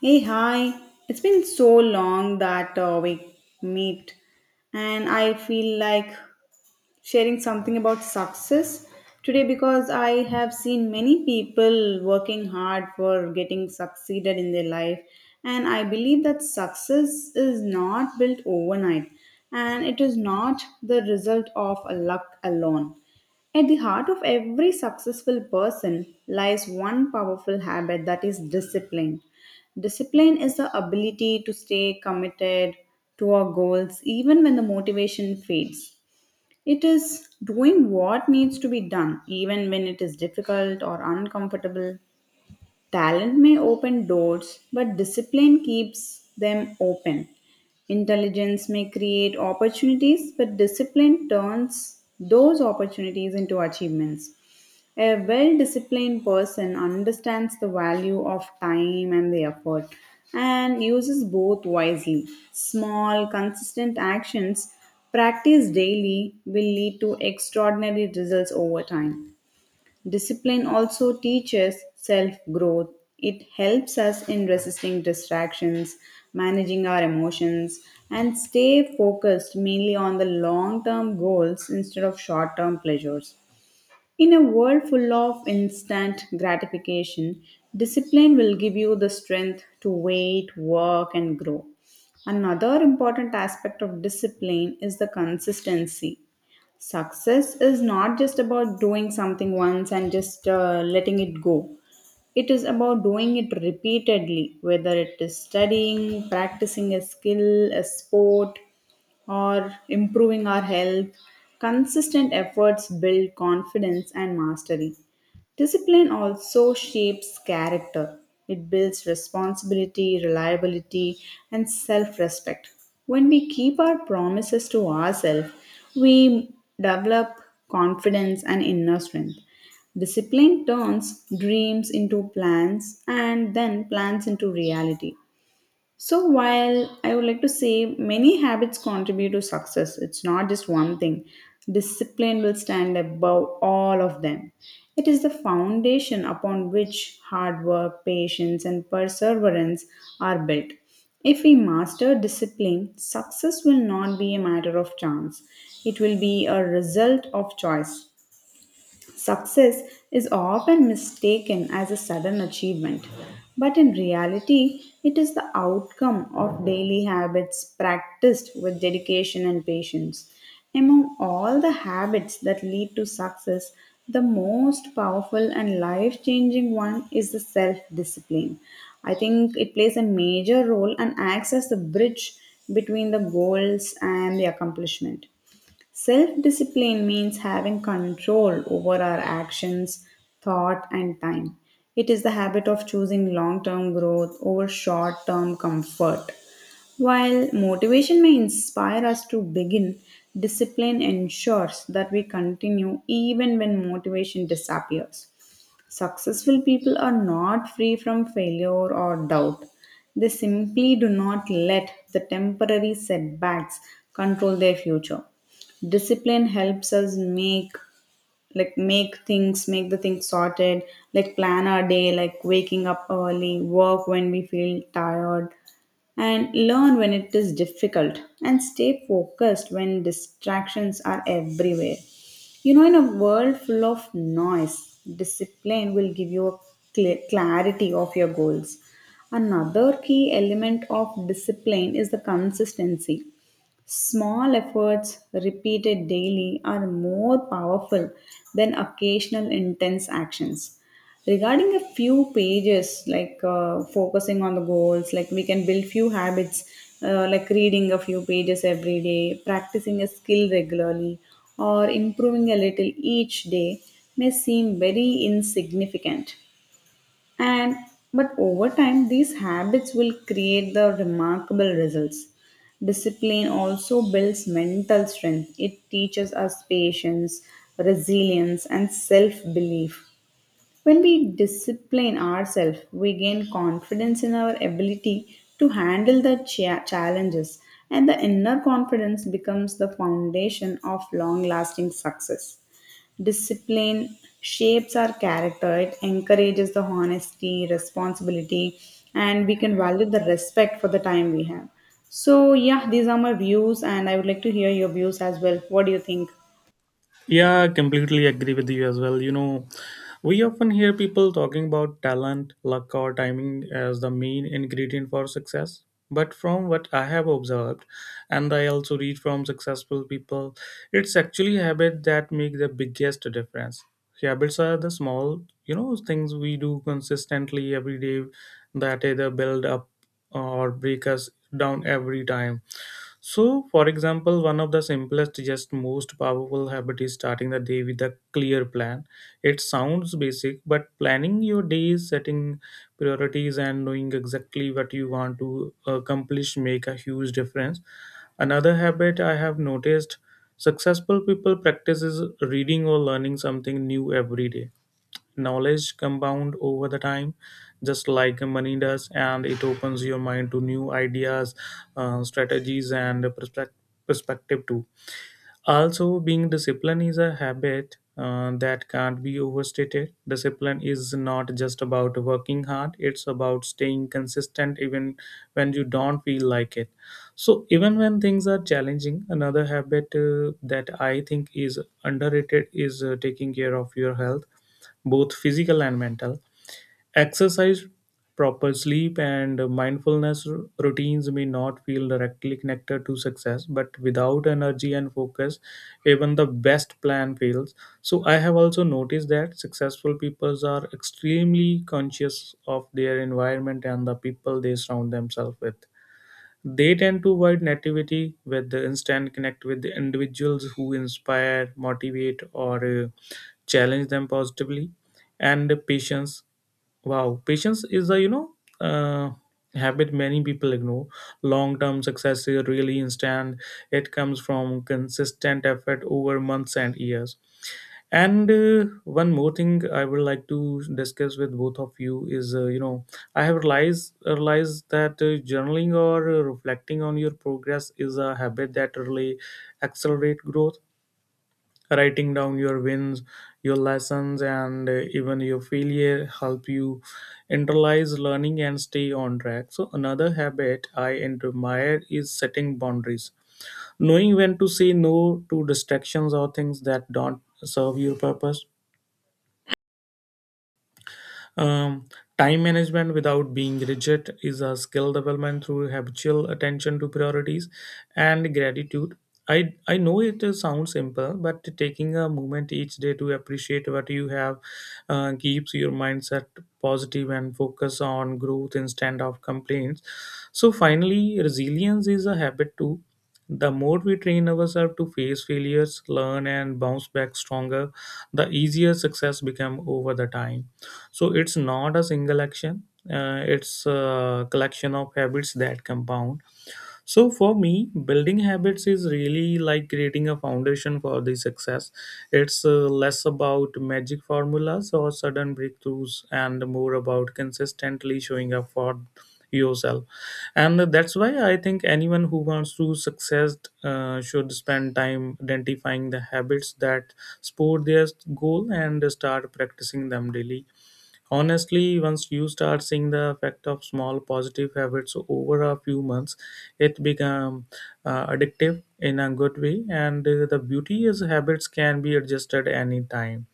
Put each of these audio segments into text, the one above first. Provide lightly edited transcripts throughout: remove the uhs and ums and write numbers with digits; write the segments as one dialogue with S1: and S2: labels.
S1: Hey, hi. It's been so long that we meet, and I feel like sharing something about success today because I have seen many people working hard for getting succeeded in their life, and I believe that success is not built overnight and it is not the result of luck alone. At the heart of every successful person lies one powerful habit that is discipline. Discipline is the ability to stay committed to our goals even when the motivation fades. It is doing what needs to be done, even when it is difficult or uncomfortable. Talent may open doors, but discipline keeps them open. Intelligence may create opportunities, but discipline turns those opportunities into achievements. A well disciplined person understands the value of time and the effort and uses both wisely. Small, consistent actions practiced daily will lead to extraordinary results over time. Discipline also teaches self growth. It helps us in resisting distractions, managing our emotions, and stay focused mainly on the long term goals instead of short term pleasures. In a world full of instant gratification, discipline will give you the strength to wait, work, and grow. Another important aspect of discipline is the consistency. Success is not just about doing something once and just letting it go. It is about doing it repeatedly, whether it is studying, practicing a skill, a sport, or improving our health. Consistent efforts build confidence and mastery. Discipline also shapes character. It builds responsibility, reliability, and self respect. When we keep our promises to ourselves, we develop confidence and inner strength. Discipline turns dreams into plans and then plans into reality. So, while I would like to say many habits contribute to success, it's not just one thing. Discipline will stand above all of them. It is the foundation upon which hard work, patience, and perseverance are built. If we master discipline, success will not be a matter of chance. It will be a result of choice. Success is often mistaken as a sudden achievement, but in reality, it is the outcome of daily habits practiced with dedication and patience. Among all the habits that lead to success, the most powerful and life changing one is the self discipline. I think it plays a major role and acts as the bridge between the goals and the accomplishment. Self discipline means having control over our actions, thought, and time. It is the habit of choosing long term growth over short term comfort. While motivation may inspire us to begin, discipline ensures that we continue even when motivation disappears. Successful people are not free from failure or doubt. They simply do not let the temporary setbacks control their future. Discipline helps us make the things sorted, like plan our day, like waking up early, work when we feel tired and learn when it is difficult, and stay focused when distractions are everywhere. You know, in a world full of noise, discipline will give you a clarity of your goals. Another key element of discipline is the consistency. Small efforts repeated daily are more powerful than occasional intense actions. Regarding a few pages, like focusing on the goals, like we can build few habits, like reading a few pages every day, practicing a skill regularly, or improving a little each day may seem very insignificant and but over time these habits will create the remarkable results. Discipline also builds mental strength, it teaches us patience, resilience, and self belief. When we discipline ourselves, we gain confidence in our ability to handle the challenges, and the inner confidence becomes the foundation of long lasting success. Discipline shapes our character, it encourages the honesty, responsibility, and we can value the respect for the time we have. So, yeah, these are my views, and I would like to hear your views as well. What do you think?
S2: Yeah, I completely agree with you as well. We often hear people talking about talent, luck, or timing as the main ingredient for success. But from what I have observed, and I also read from successful people, it's actually habit that make the biggest difference. Habits are the small, things we do consistently every day that either build up or break us down every time. So, for example, one of the simplest, just most powerful habit is starting the day with a clear plan. It sounds basic, but planning your days, setting priorities, and knowing exactly what you want to accomplish make a huge difference. Another habit I have noticed successful people practice is reading or learning something new every day. Knowledge compound over the time just like money does, and it opens your mind to new ideas, strategies and perspective too. Also, being disciplined is a habit that can't be overstated. Discipline is not just about working hard, it's about staying consistent even when you don't feel like it. So, even when things are challenging, another habit that I think is underrated is taking care of your health, both physical and mental. Exercise, proper sleep, and mindfulness routines may not feel directly connected to success, but without energy and focus, even the best plan fails. So, I have also noticed that successful people are extremely conscious of their environment and the people they surround themselves with. They tend to avoid nativity with the instant connect with the individuals who inspire, motivate, or challenge them positively. And patience, wow, patience is a uh, habit many people ignore. Long-term success is really instant. It comes from consistent effort over months and years. And one more thing I would like to discuss with both of you is, I have realized that journaling or reflecting on your progress is a habit that really accelerate growth. Writing down your wins, your lessons, and even your failure help you internalize learning and stay on track. So another habit I admire is setting boundaries, knowing when to say no to distractions or things that don't serve your purpose. Um, Time management without being rigid is a skill development through habitual attention to priorities and gratitude. I know it sounds simple, but taking a moment each day to appreciate what you have keeps your mindset positive and focus on growth instead of complaints. So, finally, resilience is a habit too. The more we train ourselves to face failures, learn, and bounce back stronger, the easier success becomes over the time. So it's not a single action, it's a collection of habits that compound. So for me, building habits is really like creating a foundation for the success. It's less about magic formulas or sudden breakthroughs and more about consistently showing up for yourself. And that's why I think anyone who wants to success should spend time identifying the habits that support their goal and start practicing them daily. Honestly, once you start seeing the effect of small positive habits over a few months, it become addictive in a good way. And the beauty is habits can be adjusted anytime.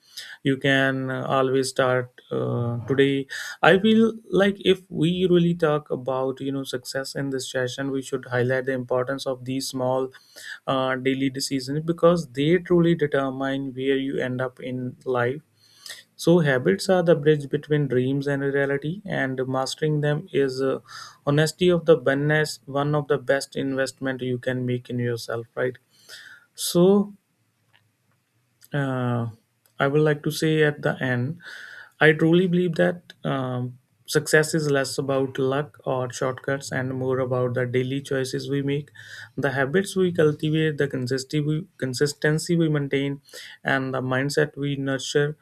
S2: You can always start today. I feel like if we really talk about success in this session, we should highlight the importance of these small daily decisions because they truly determine where you end up in life. So, habits are the bridge between dreams and reality, and mastering them is honesty of the best, one of the best investment you can make in yourself, right? So, uh, I would like to say at the end, I truly believe that success is less about luck or shortcuts and more about the daily choices we make, the habits we cultivate, the consistency we maintain, and the mindset we nurture.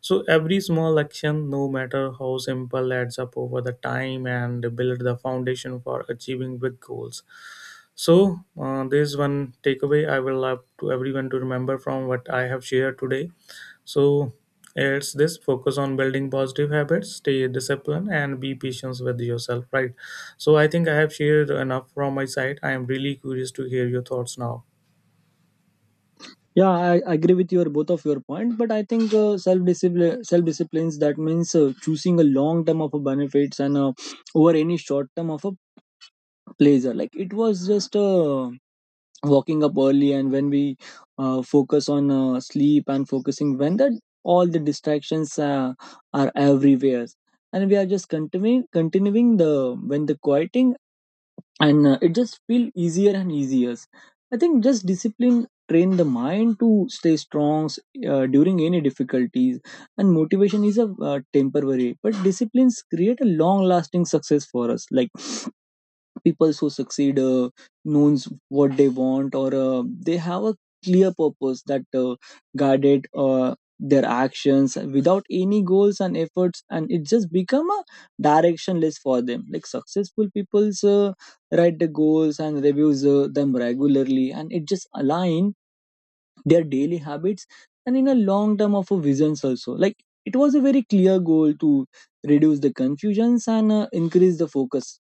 S2: So every small action, no matter how simple, adds up over the time and build the foundation for achieving big goals. So, there's one takeaway I will love to everyone to remember from what I have shared today. So, it's this focus on building positive habits, stay disciplined, and be patient with yourself, right? So, I think I have shared enough from my side. I am really curious to hear your thoughts now.
S3: Yeah, I agree with your both of your point, but I think self discipline, self disciplines that means choosing a long term of a benefits and over any short term of a pleasure. Like it was just walking up early, and when we focus on sleep and focusing when that all the distractions are everywhere, and we are just continuing the when the quieting and it just feel easier and easier. I think just discipline train the mind to stay strong during any difficulties, and motivation is a temporary but disciplines create a long lasting success for us. Like people who succeed knows what they want, or they have a clear purpose that guided their actions without any goals and efforts, and it just become a directionless for them. Like successful people's write the goals and reviews them regularly, and it just align their daily habits and in a long term of a visions also. Like it was a very clear goal to reduce the confusions and increase the focus.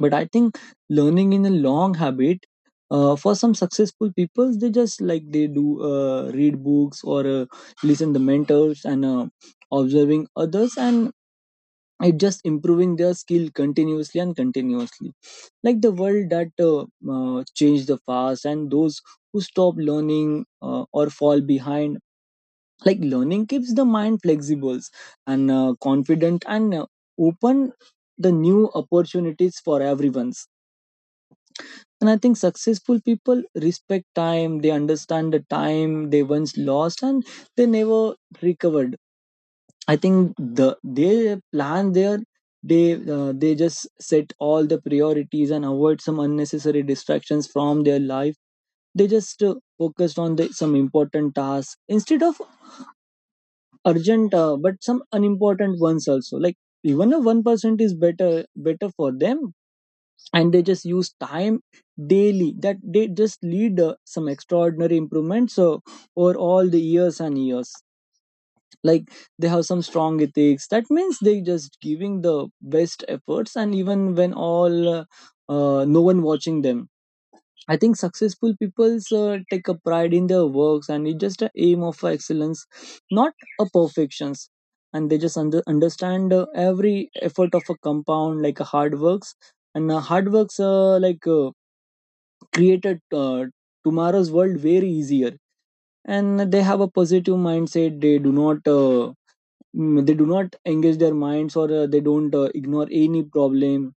S3: But I think learning in a long habit, for some successful people, they just like they do read books or listen to mentors and observing others, and it just improving their skill continuously and continuously. Like the world that changed the fast, and those who stop learning or fall behind. Like learning keeps the mind flexible and confident and open the new opportunities for everyone. And I think successful people respect time, they understand the time they once lost and they never recovered. I think the they plan their they just set all the priorities and avoid some unnecessary distractions from their life. They just focused on the, some important tasks instead of urgent but some unimportant ones also. Like even a 1% is better for them, and they just use time daily that they just lead some extraordinary improvements over all the years and years. Like they have some strong ethics, that means they just giving the best efforts and even when all no one watching them. I think successful people take a pride in their works, and it's just a aim of excellence, not a perfections. And they just understand every effort of a compound, like a hard works and hard works created tomorrow's world very easier. And they have a positive mindset, they do not they do not engage their minds or they don't ignore any problem.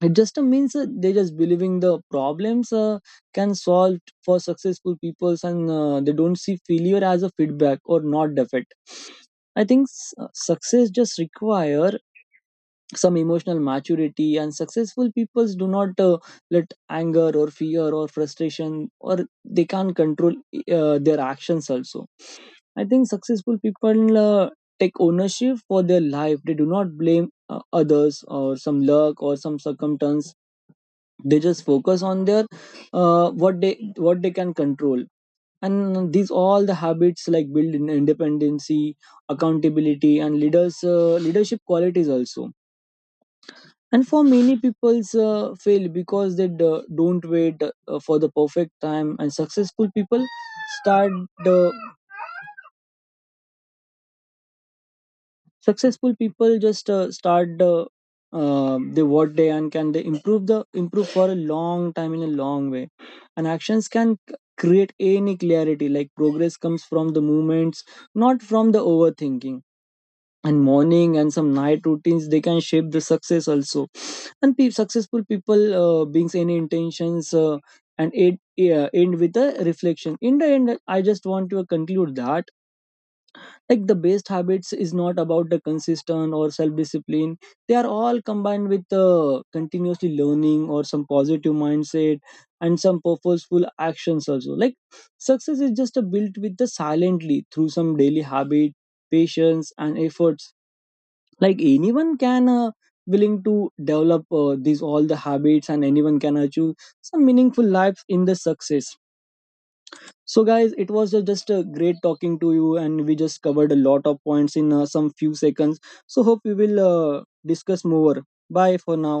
S3: It just means they just believing the problems can solve for successful peoples, and they don't see failure as a feedback or not defeat. I think success just require some emotional maturity, and successful peoples do not let anger or fear or frustration or they can't control their actions also. I think successful people take ownership for their life, they do not blame others or some luck or some circumstance. They just focus on their what they can control. And these all the habits like build in independency, accountability and leaders leadership qualities also. And for many people's fail because they don't wait for the perfect time, and successful people start uh, successful people just start they what they and can they improve the improve for a long time in a long way. And actions can create any clarity, like progress comes from the movements, not from the overthinking. And morning and some night routines they can shape the success also. And successful people brings any intentions and it, yeah, end with a reflection. In the end, I just want to conclude that like the best habits is not about the consistent or self-discipline, they are all combined with continuously learning or some positive mindset and some purposeful actions also. Like success is just a built with the silently through some daily habit, patience and efforts. Like anyone can willing to develop these all the habits, and anyone can achieve some meaningful life in the success. So guys, it was just a great talking to you, and we just covered a lot of points in some few seconds. So hope we will discuss more. Bye for now.